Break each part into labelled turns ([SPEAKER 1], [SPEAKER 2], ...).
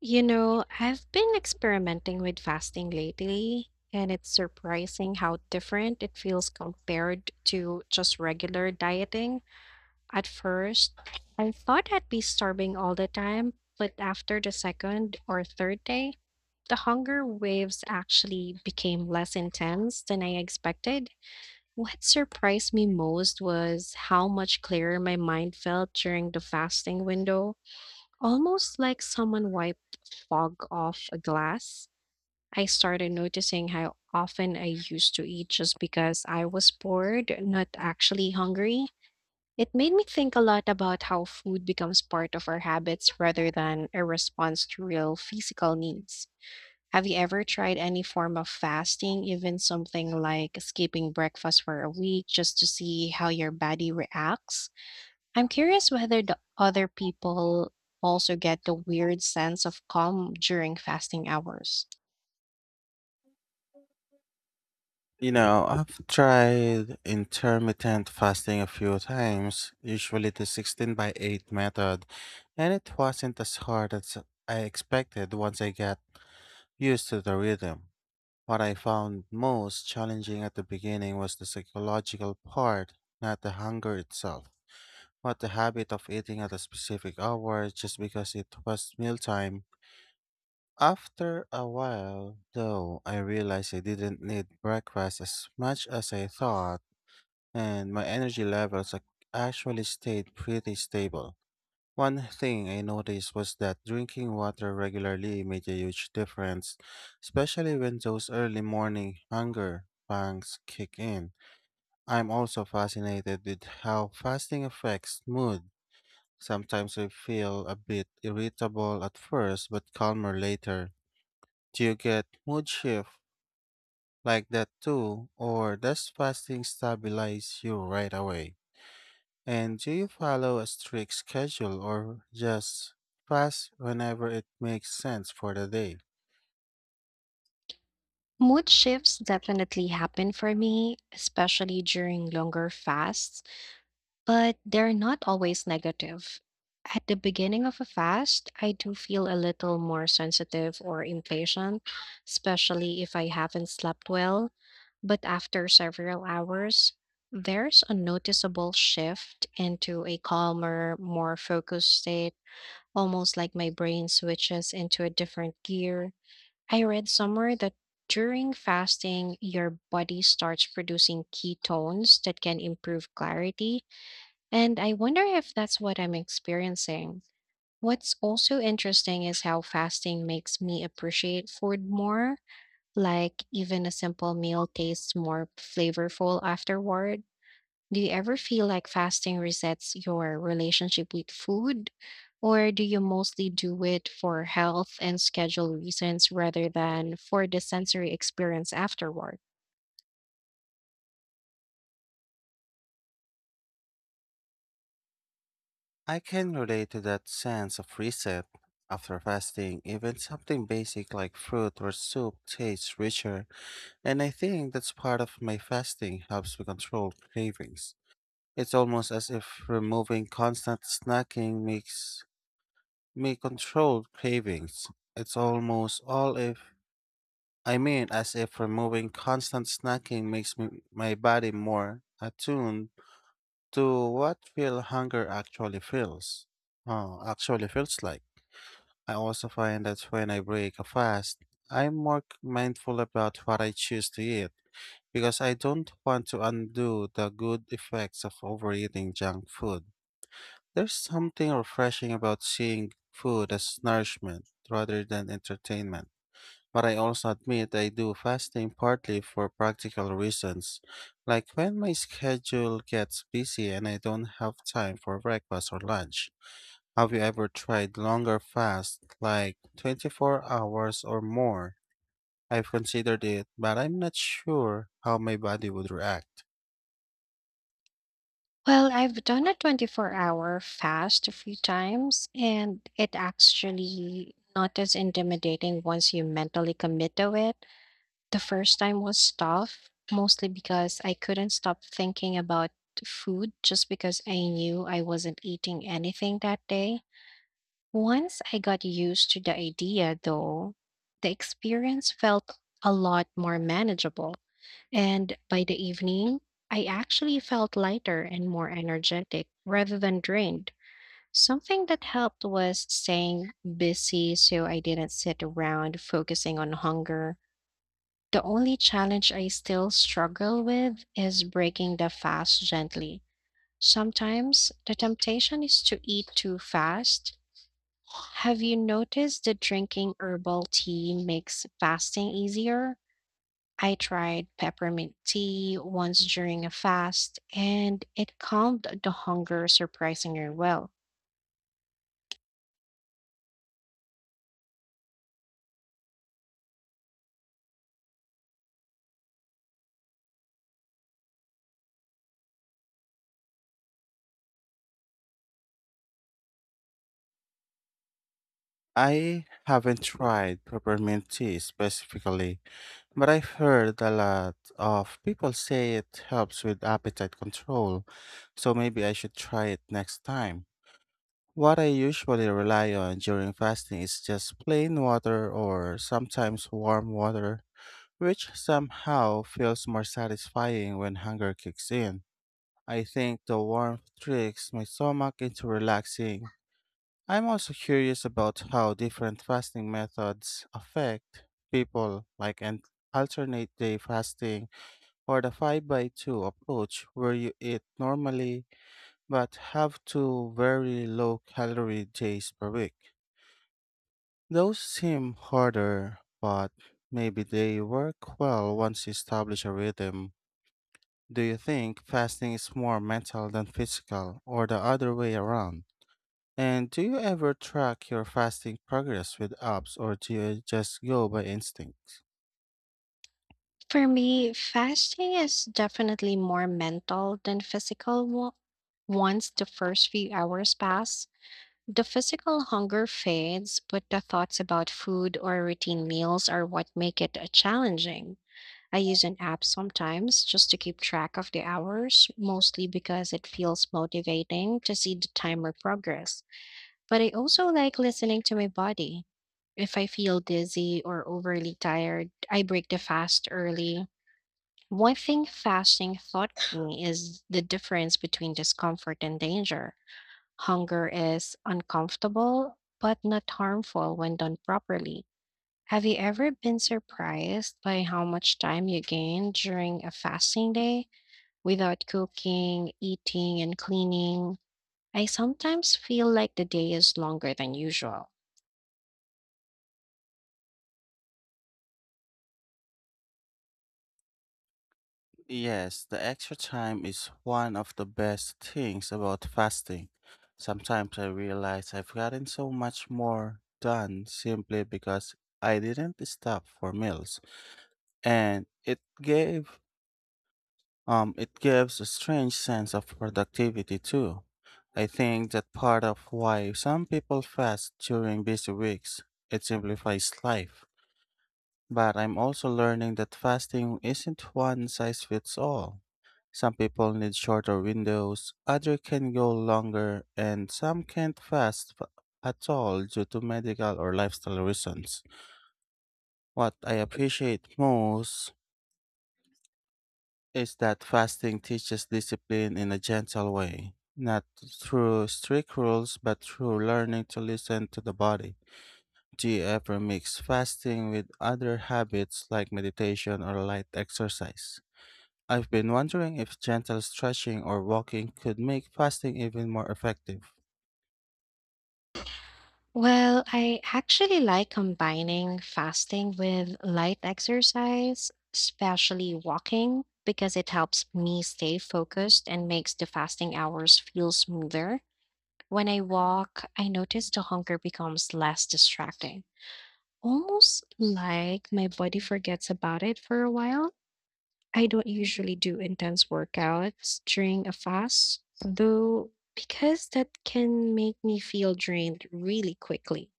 [SPEAKER 1] You know, I've been experimenting with fasting lately, and it's surprising how different it feels compared to just regular dieting. At first, I thought I'd be starving all the time, but after the second or third day, the hunger waves actually became less intense than I expected. What surprised me most was how much clearer my mind felt during the fasting window. Almost like someone wiped fog off a glass, I started noticing how often I used to eat just because I was bored, not actually hungry. It made me think a lot about how food becomes part of our habits rather than a response to real physical needs. Have you ever tried any form of fasting, even something like skipping breakfast for a week just to see how your body reacts? I'm curious whether the other people also get the weird sense of calm during fasting hours.
[SPEAKER 2] I've tried intermittent fasting a few times, usually the 16 by 8 method, and it wasn't as hard as I expected once I got used to the rhythm. What I found most challenging at the beginning was the psychological part, not the hunger itself, but the habit of eating at a specific hour just because it was mealtime. After a while, though, I realized I didn't need breakfast as much as I thought, and my energy levels actually stayed pretty stable. One thing I noticed was that drinking water regularly made a huge difference, especially when those early morning hunger pangs kick in. I'm also fascinated with how fasting affects mood. Sometimes I feel a bit irritable at first, but calmer later. Do you get mood shift like that too, or does fasting stabilize you right away? And do you follow a strict schedule or just fast whenever it makes sense for the day?
[SPEAKER 1] Mood shifts definitely happen for me, especially during longer fasts. But they're not always negative. At the beginning of a fast, I do feel a little more sensitive or impatient, especially if I haven't slept well. But after several hours, there's a noticeable shift into a calmer, more focused state, almost like my brain switches into a different gear. I read somewhere that during fasting, your body starts producing ketones that can improve clarity, and I wonder if that's what I'm experiencing. What's also interesting is how fasting makes me appreciate food more. Like, even a simple meal tastes more flavorful afterward. Do you ever feel like fasting resets your relationship with food? Or do you mostly do it for health and schedule reasons rather than for the sensory experience afterward?
[SPEAKER 2] I can relate to that sense of reset. After fasting, even something basic like fruit or soup tastes richer, and I think that's part of my fasting helps me control cravings. It's almost as if removing constant snacking makes may control cravings. It's almost all if I mean, as if removing constant snacking makes my body more attuned to what real hunger actually feels. Oh, actually feels like. I also find that when I break a fast, I'm more mindful about what I choose to eat because I don't want to undo the good effects of overeating junk food. There's something refreshing about seeing food as nourishment rather than entertainment. But I also admit I do fasting partly for practical reasons, like when my schedule gets busy and I don't have time for breakfast or lunch. Have you ever tried longer fast, like 24 hours or more? I've considered it, but I'm not sure how my body would react.
[SPEAKER 1] Well, I've done a 24-hour fast a few times, and it actually not as intimidating once you mentally commit to it. The first time was tough, mostly because I couldn't stop thinking about food just because I knew I wasn't eating anything that day. Once I got used to the idea, though, the experience felt a lot more manageable. And by the evening, I actually felt lighter and more energetic rather than drained. Something that helped was staying busy so I didn't sit around focusing on hunger. The only challenge I still struggle with is breaking the fast gently. Sometimes the temptation is to eat too fast. Have you noticed that drinking herbal tea makes fasting easier? I tried peppermint tea once during a fast, and it calmed the hunger surprisingly well.
[SPEAKER 2] I haven't tried peppermint tea specifically, but I've heard a lot of people say it helps with appetite control, so maybe I should try it next time. What I usually rely on during fasting is just plain water or sometimes warm water, which somehow feels more satisfying when hunger kicks in. I think the warmth tricks my stomach into relaxing. I'm also curious about how different fasting methods affect people, like an alternate day fasting or the 5 by 2 approach where you eat normally but have two very low calorie days per week. Those seem harder, but maybe they work well once you establish a rhythm. Do you think fasting is more mental than physical, or the other way around? And do you ever track your fasting progress with apps, or do you just go by instinct?
[SPEAKER 1] For me, fasting is definitely more mental than physical. Once the first few hours pass, the physical hunger fades, but the thoughts about food or routine meals are what make it challenging. I use an app sometimes just to keep track of the hours, mostly because it feels motivating to see the time or progress. But I also like listening to my body. If I feel dizzy or overly tired, I break the fast early. One thing fasting taught me is the difference between discomfort and danger. Hunger is uncomfortable, but not harmful when done properly. Have you ever been surprised by how much time you gain during a fasting day without cooking, eating, and cleaning? I sometimes feel like the day is longer than usual.
[SPEAKER 2] Yes, the extra time is one of the best things about fasting. Sometimes I realize I've gotten so much more done simply because I didn't stop for meals, and it gives a strange sense of productivity too. I think that part of why some people fast during busy weeks. It simplifies life. But I'm also learning that fasting isn't one size fits all. Some people need shorter windows, others can go longer, and some can't fast at all due to medical or lifestyle reasons. What I appreciate most is that fasting teaches discipline in a gentle way, not through strict rules, but through learning to listen to the body. Do you ever mix fasting with other habits like meditation or light exercise? I've been wondering if gentle stretching or walking could make fasting even more effective.
[SPEAKER 1] Well, I actually like combining fasting with light exercise, especially walking, because it helps me stay focused and makes the fasting hours feel smoother. When I walk, I notice the hunger becomes less distracting, almost like my body forgets about it for a while. I don't usually do intense workouts during a fast, though, because that can make me feel drained really quickly.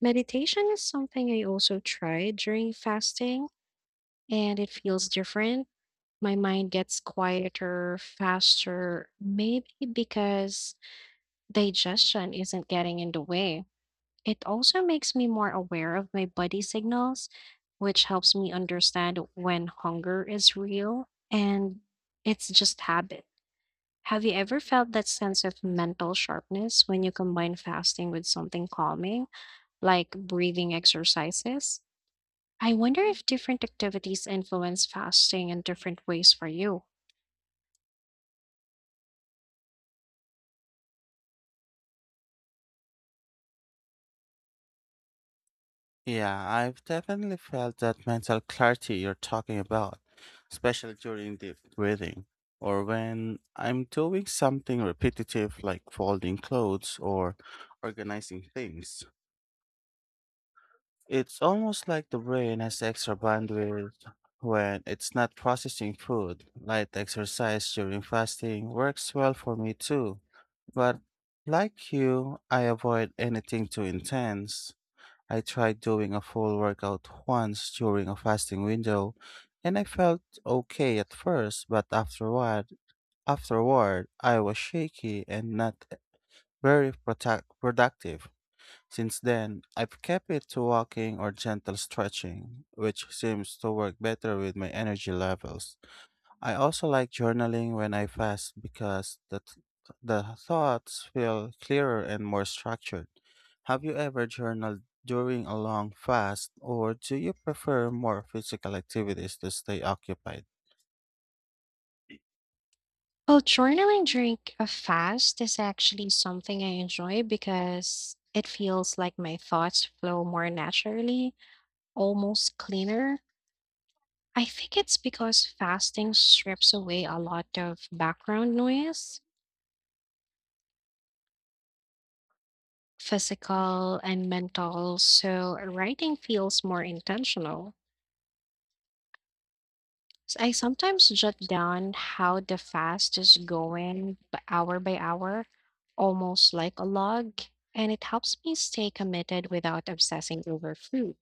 [SPEAKER 1] Meditation is something I also tried during fasting, and it feels different. My mind gets quieter, faster, maybe because digestion isn't getting in the way. It also makes me more aware of my body signals, which helps me understand when hunger is real and it's just habit. Have you ever felt that sense of mental sharpness when you combine fasting with something calming, like breathing exercises? I wonder if different activities influence fasting in different ways for you.
[SPEAKER 2] Yeah, I've definitely felt that mental clarity you're talking about, especially during deep breathing or when I'm doing something repetitive like folding clothes or organizing things. It's almost like the brain has extra bandwidth when it's not processing food. Light exercise during fasting works well for me too. But like you, I avoid anything too intense. I tried doing a full workout once during a fasting window, and I felt okay at first, but afterward I was shaky and not very productive. Since then, I've kept it to walking or gentle stretching, which seems to work better with my energy levels. I also like journaling when I fast because the thoughts feel clearer and more structured. Have you ever journaled during a long fast, or do you prefer more physical activities to stay occupied?
[SPEAKER 1] Well, journaling during a fast is actually something I enjoy because it feels like my thoughts flow more naturally, almost cleaner. I think it's because fasting strips away a lot of background noise, physical and mental, so writing feels more intentional. So I sometimes jot down how the fast is going hour by hour, almost like a log, and it helps me stay committed without obsessing over food.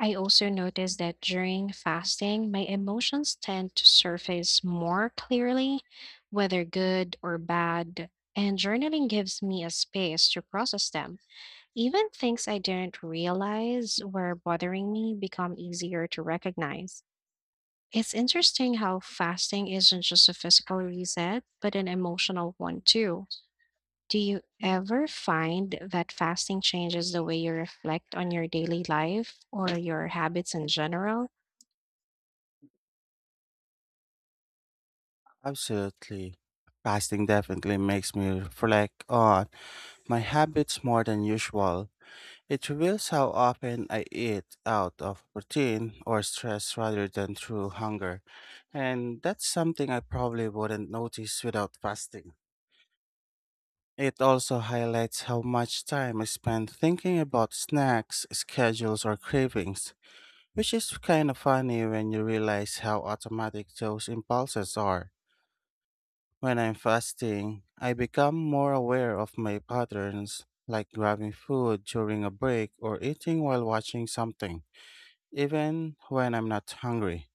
[SPEAKER 1] I also notice that during fasting, my emotions tend to surface more clearly, whether good or bad, and journaling gives me a space to process them. Even things I didn't realize were bothering me become easier to recognize. It's interesting how fasting isn't just a physical reset, but an emotional one too. Do you ever find that fasting changes the way you reflect on your daily life or your habits in general?
[SPEAKER 2] Absolutely. Fasting definitely makes me reflect on my habits more than usual. It reveals how often I eat out of routine or stress rather than through hunger, and that's something I probably wouldn't notice without fasting. It also highlights how much time I spend thinking about snacks, schedules, or cravings, which is kind of funny when you realize how automatic those impulses are. When I'm fasting, I become more aware of my patterns, like grabbing food during a break or eating while watching something, even when I'm not hungry.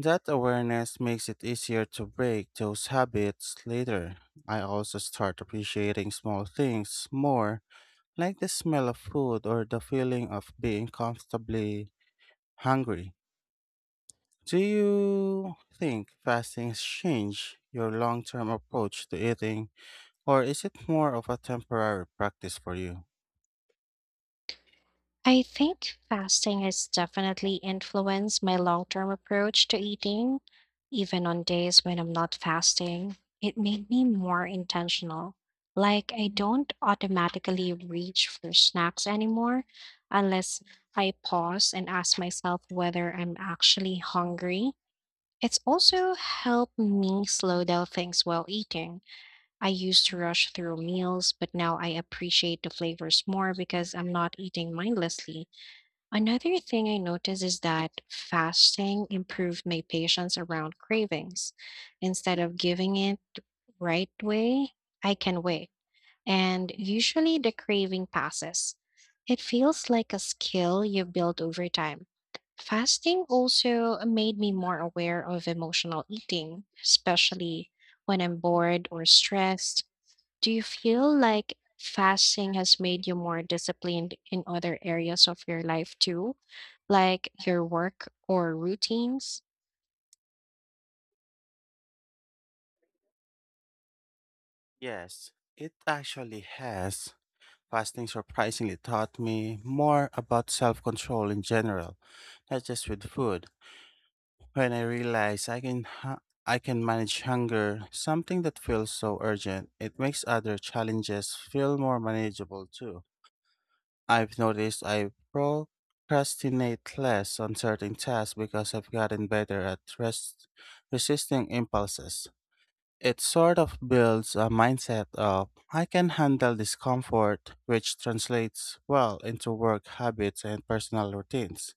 [SPEAKER 2] That awareness makes it easier to break those habits later. I also start appreciating small things more, like the smell of food or the feeling of being comfortably hungry. Do you think fasting change your long-term approach to eating, or is it more of a temporary practice for you?
[SPEAKER 1] I think fasting has definitely influenced my long term approach to eating. Even on days when I'm not fasting, it made me more intentional. Like, I don't automatically reach for snacks anymore unless I pause and ask myself whether I'm actually hungry. It's also helped me slow down things while eating. I used to rush through meals, but now I appreciate the flavors more because I'm not eating mindlessly. Another thing I noticed is that fasting improved my patience around cravings. Instead of giving it right away, I can wait. And usually the craving passes. It feels like a skill you build over time. Fasting also made me more aware of emotional eating, especially when I'm bored or stressed. Do you feel like fasting has made you more disciplined in other areas of your life too, like your work or routines?
[SPEAKER 2] Yes, it actually has. Fasting surprisingly taught me more about self control in general, not just with food. When I realize I can manage hunger, something that feels so urgent, it makes other challenges feel more manageable too. I've noticed I procrastinate less on certain tasks because I've gotten better at resisting impulses. It sort of builds a mindset of I can handle discomfort, which translates well into work habits and personal routines.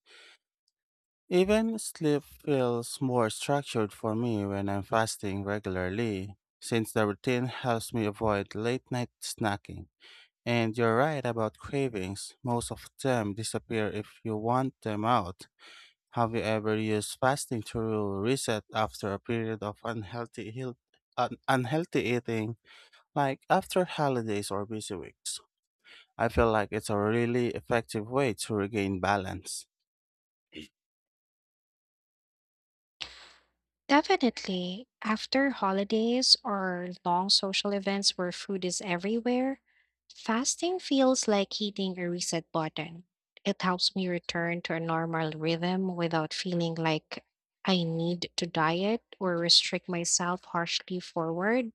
[SPEAKER 2] Even sleep feels more structured for me when I'm fasting regularly, since the routine helps me avoid late night snacking. And you're right about cravings, most of them disappear if you want them out. Have you ever used fasting to reset after a period of unhealthy eating? Like after holidays or busy weeks, I feel like it's a really effective way to regain balance.
[SPEAKER 1] Definitely. After holidays or long social events where food is everywhere, fasting feels like hitting a reset button. It helps me return to a normal rhythm without feeling like I need to diet or restrict myself harshly forward.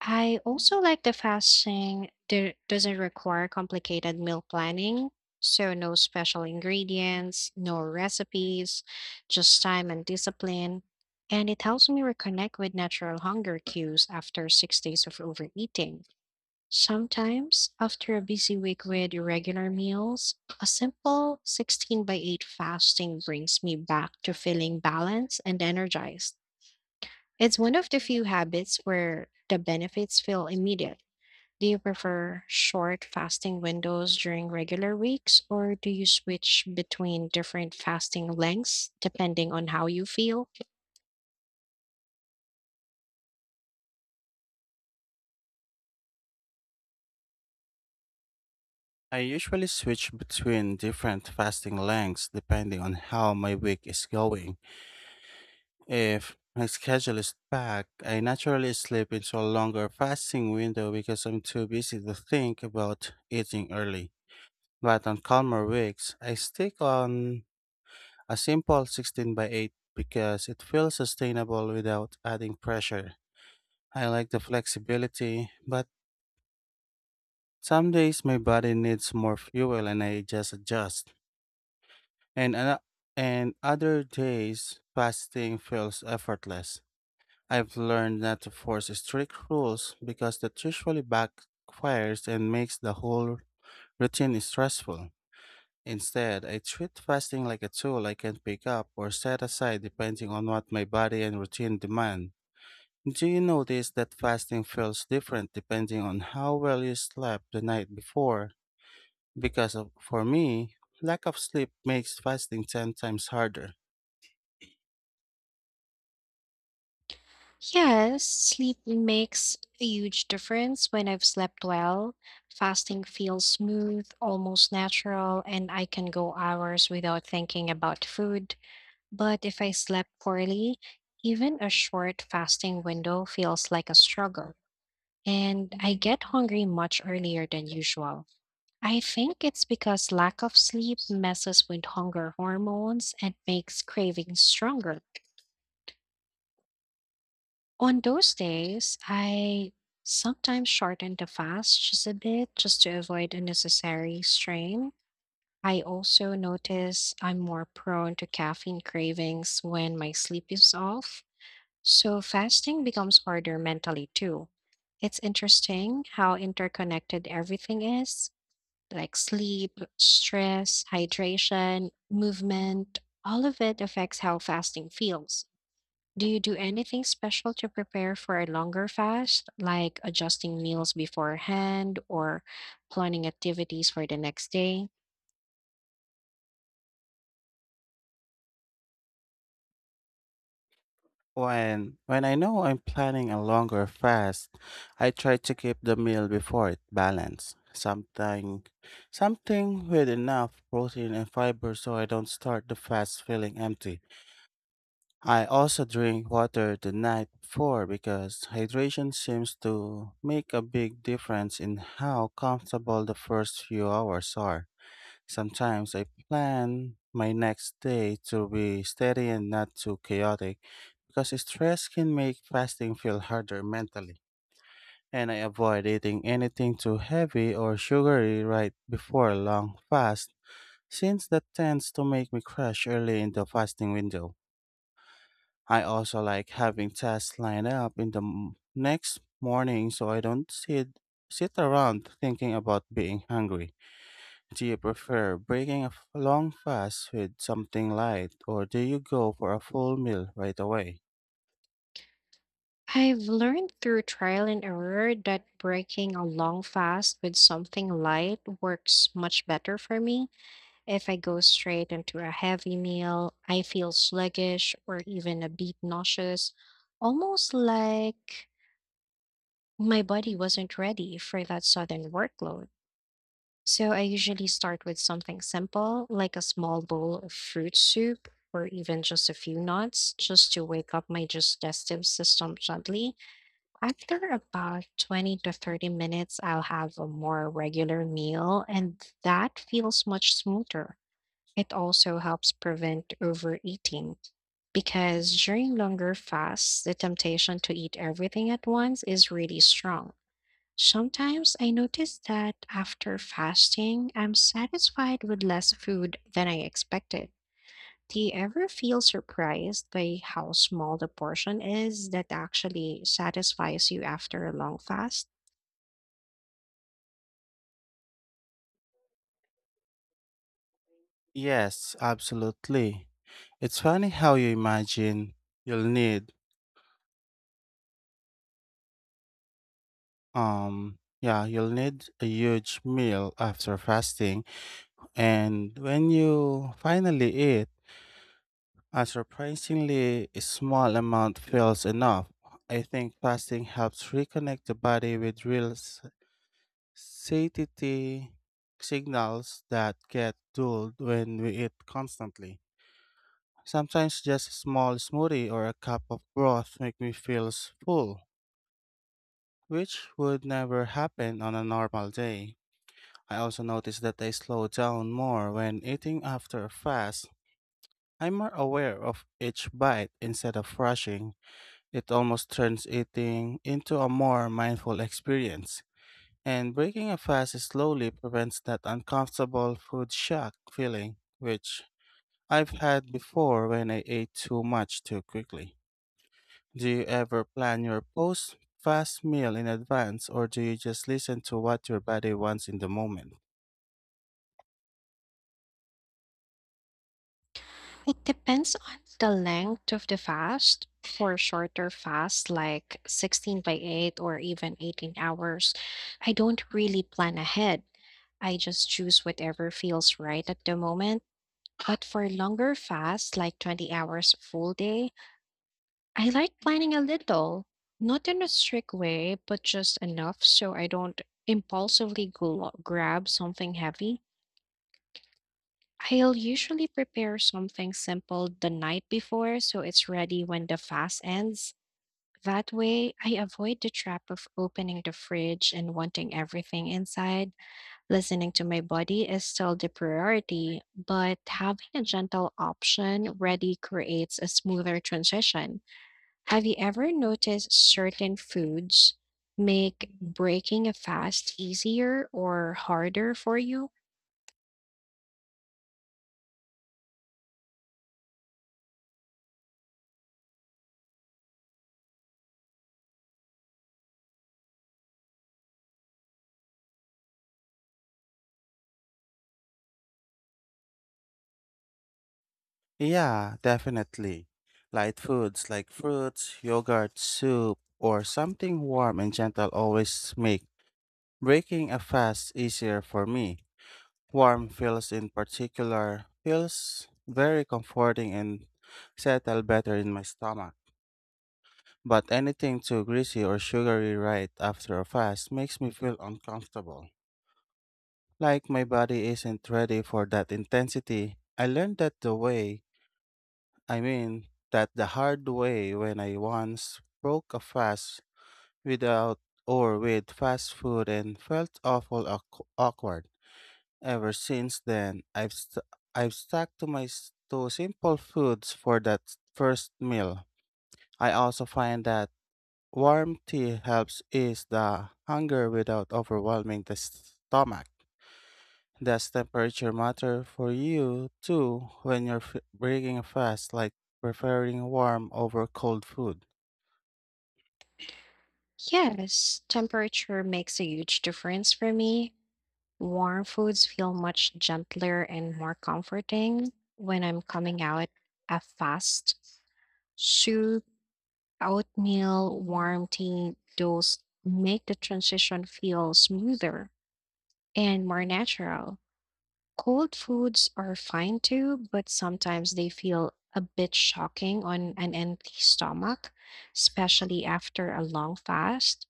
[SPEAKER 1] I also like the fasting that doesn't require complicated meal planning. So, no special ingredients, no recipes, just time and discipline. And it helps me reconnect with natural hunger cues after 6 days of overeating. Sometimes, after a busy week with irregular meals, a simple 16 by 8 fasting brings me back to feeling balanced and energized. It's one of the few habits where the benefits feel immediate. Do you prefer short fasting windows during regular weeks, or do you switch between different fasting lengths depending on how you feel?
[SPEAKER 2] I usually switch between different fasting lengths depending on how my week is going. If my schedule is packed, I naturally slip into a longer fasting window because I'm too busy to think about eating early. But on calmer weeks, I stick on a simple 16 by 8 because it feels sustainable without adding pressure. I like the flexibility, but some days my body needs more fuel and I just adjust. And ano- and other days fasting feels effortless. I've learned not to force strict rules because that usually backfires and makes the whole routine stressful. Instead, I treat fasting like a tool I can pick up or set aside depending on what my body and routine demand. Do you notice that fasting feels different depending on how well you slept the night before? For me, lack of sleep makes fasting 10 times harder.
[SPEAKER 1] Yes, sleep makes a huge difference. When I've slept well, fasting feels smooth, almost natural, and I can go hours without thinking about food. But if I slept poorly, even a short fasting window feels like a struggle, and I get hungry much earlier than usual. I think it's because lack of sleep messes with hunger hormones and makes cravings stronger. On those days, I sometimes shorten the fast just a bit just to avoid unnecessary strain. I also notice I'm more prone to caffeine cravings when my sleep is off, so fasting becomes harder mentally too. It's interesting how interconnected everything is, like sleep, stress, hydration, movement, all of it affects how fasting feels. Do you do anything special to prepare for a longer fast, like adjusting meals beforehand or planning activities for the next day?
[SPEAKER 2] When I know I'm planning a longer fast, I try to keep the meal before it balanced. Something with enough protein and fiber so I don't start the fast feeling empty. I also drink water the night before because hydration seems to make a big difference in how comfortable the first few hours are. Sometimes I plan my next day to be steady and not too chaotic because stress can make fasting feel harder mentally. And I avoid eating anything too heavy or sugary right before a long fast since that tends to make me crash early in the fasting window. I also like having tasks lined up in the next morning so I don't sit around thinking about being hungry. Do you prefer breaking a long fast with something light or do you go for a full meal right away?
[SPEAKER 1] I've learned through trial and error that breaking a long fast with something light works much better for me. If I go straight into a heavy meal, I feel sluggish or even a bit nauseous, almost like my body wasn't ready for that sudden workload. So I usually start with something simple, like a small bowl of fruit soup or even just a few nuts, just to wake up my digestive system gently. After about 20 to 30 minutes, I'll have a more regular meal, and that feels much smoother. It also helps prevent overeating because during longer fasts, the temptation to eat everything at once is really strong. Sometimes I notice that after fasting, I'm satisfied with less food than I expected. Do you ever feel surprised by how small the portion is that actually satisfies you after a long fast?
[SPEAKER 2] Yes, absolutely. It's funny how you imagine you'll need yeah, you'll need a huge meal after fasting, and when you finally eat, a surprisingly small amount feels enough. I think fasting helps reconnect the body with real satiety signals that get dulled when we eat constantly. Sometimes just a small smoothie or a cup of broth make me feel full, which would never happen on a normal day. I also notice that I slow down more when eating after a fast. I'm more aware of each bite instead of rushing. It almost turns eating into a more mindful experience, and breaking a fast slowly prevents that uncomfortable food shock feeling, which I've had before when I ate too much too quickly. Do you ever plan your post fast meal in advance, or do you just listen to what your body wants in the moment?
[SPEAKER 1] It depends on the length of the fast. For shorter fasts like 16 by 8 or even 18 hours, I don't really plan ahead. I just choose whatever feels right at the moment. But for longer fasts like 20 hours full day, I like planning a little. Not in a strict way, but just enough so I don't impulsively grab something heavy. I'll usually prepare something simple the night before so it's ready when the fast ends. That way, I avoid the trap of opening the fridge and wanting everything inside. Listening to my body is still the priority, but having a gentle option ready creates a smoother transition. Have you ever noticed certain foods make breaking a fast easier or harder for you?
[SPEAKER 2] Yeah, definitely. Light foods like fruits, yogurt, soup, or something warm and gentle always make breaking a fast easier for me. Warm feels in particular feels very comforting and settle better in my stomach. But anything too greasy or sugary right after a fast makes me feel uncomfortable, like my body isn't ready for that intensity. I learned that the hard way when I once broke a fast without or with fast food and felt awkward. Ever since then, I've stuck to simple foods for that first meal. I also find that warm tea helps ease the hunger without overwhelming the stomach. Does temperature matter for you too when you're breaking a fast, like preferring warm over cold food?
[SPEAKER 1] Yes, temperature makes a huge difference for me. Warm foods feel much gentler and more comforting when I'm coming out a fast. Soup, oatmeal, warm tea, those make the transition feel smoother and more natural. Cold foods are fine too, but sometimes they feel a bit shocking on an empty stomach, especially after a long fast.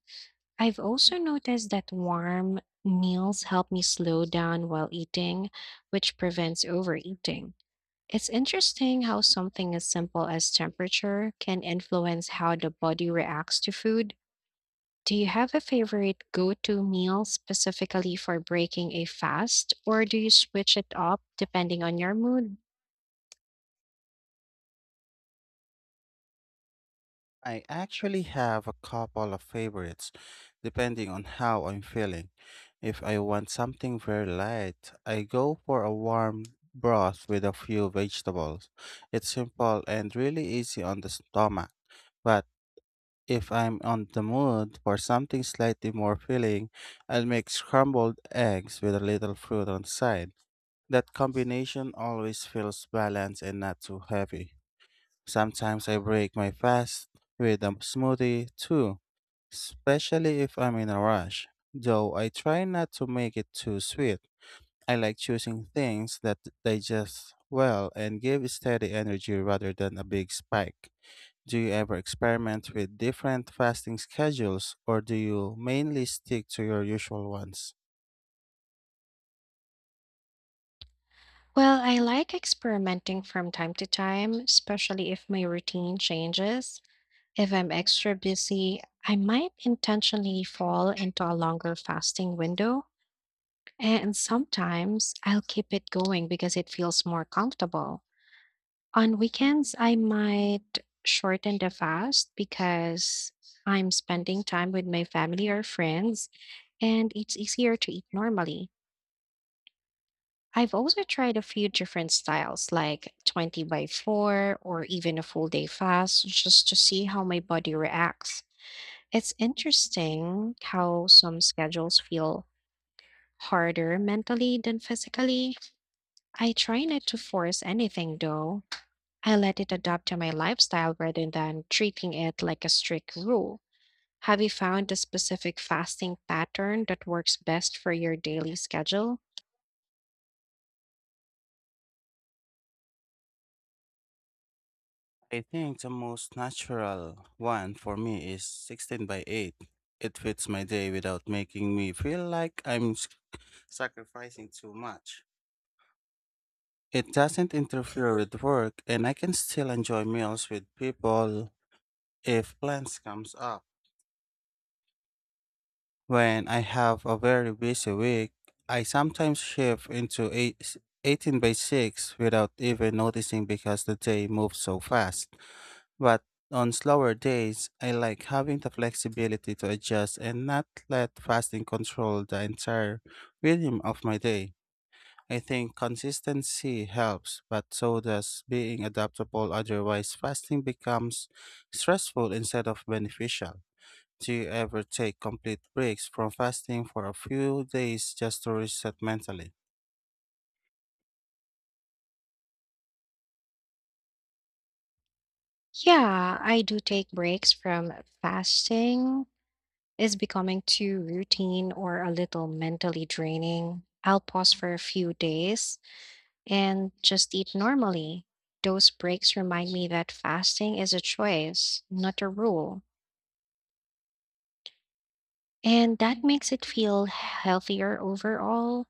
[SPEAKER 1] I've also noticed that warm meals help me slow down while eating, which prevents overeating. It's interesting how something as simple as temperature can influence how the body reacts to food. Do you have a favorite go to meal specifically for breaking a fast, or do you switch it up depending on your mood?
[SPEAKER 2] I actually have a couple of favorites, depending on how I'm feeling. If I want something very light, I go for a warm broth with a few vegetables. It's simple and really easy on the stomach. But if I'm on the mood for something slightly more filling, I'll make scrambled eggs with a little fruit on the side. That combination always feels balanced and not too heavy. Sometimes I break my fast with a smoothie too, especially if I'm in a rush, though I try not to make it too sweet. I like choosing things that digest well and give steady energy rather than a big spike. Do you ever experiment with different fasting schedules or do you mainly stick to your usual ones?
[SPEAKER 1] Well, I like experimenting from time to time, especially if my routine changes. If I'm extra busy, I might intentionally fall into a longer fasting window, and sometimes I'll keep it going because it feels more comfortable. On weekends, I might shorten the fast because I'm spending time with my family or friends, and it's easier to eat normally. I've also tried a few different styles, like 20 by 4 or even a full day fast, just to see how my body reacts. It's interesting how some schedules feel harder mentally than physically. I try not to force anything though. I let it adapt to my lifestyle rather than treating it like a strict rule. Have you found a specific fasting pattern that works best for your daily schedule?
[SPEAKER 2] I think the most natural one for me is 16 by 8. It fits my day without making me feel like I'm sacrificing too much. It doesn't interfere with work and I can still enjoy meals with people if plans comes up. When I have a very busy week, I sometimes shift into 18 by 6 without even noticing because the day moves so fast. But on slower days, I like having the flexibility to adjust and not let fasting control the entire rhythm of my day. I think consistency helps, but so does being adaptable, otherwise, fasting becomes stressful instead of beneficial. Do you ever take complete breaks from fasting for a few days just to reset mentally?
[SPEAKER 1] Yeah, I do take breaks from fasting. It's becoming too routine or a little mentally draining. I'll pause for a few days and just eat normally. Those breaks remind me that fasting is a choice, not a rule. And that makes it feel healthier overall.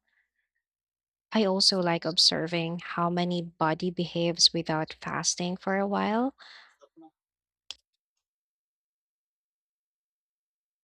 [SPEAKER 1] I also like observing how many body behaves without fasting for a while.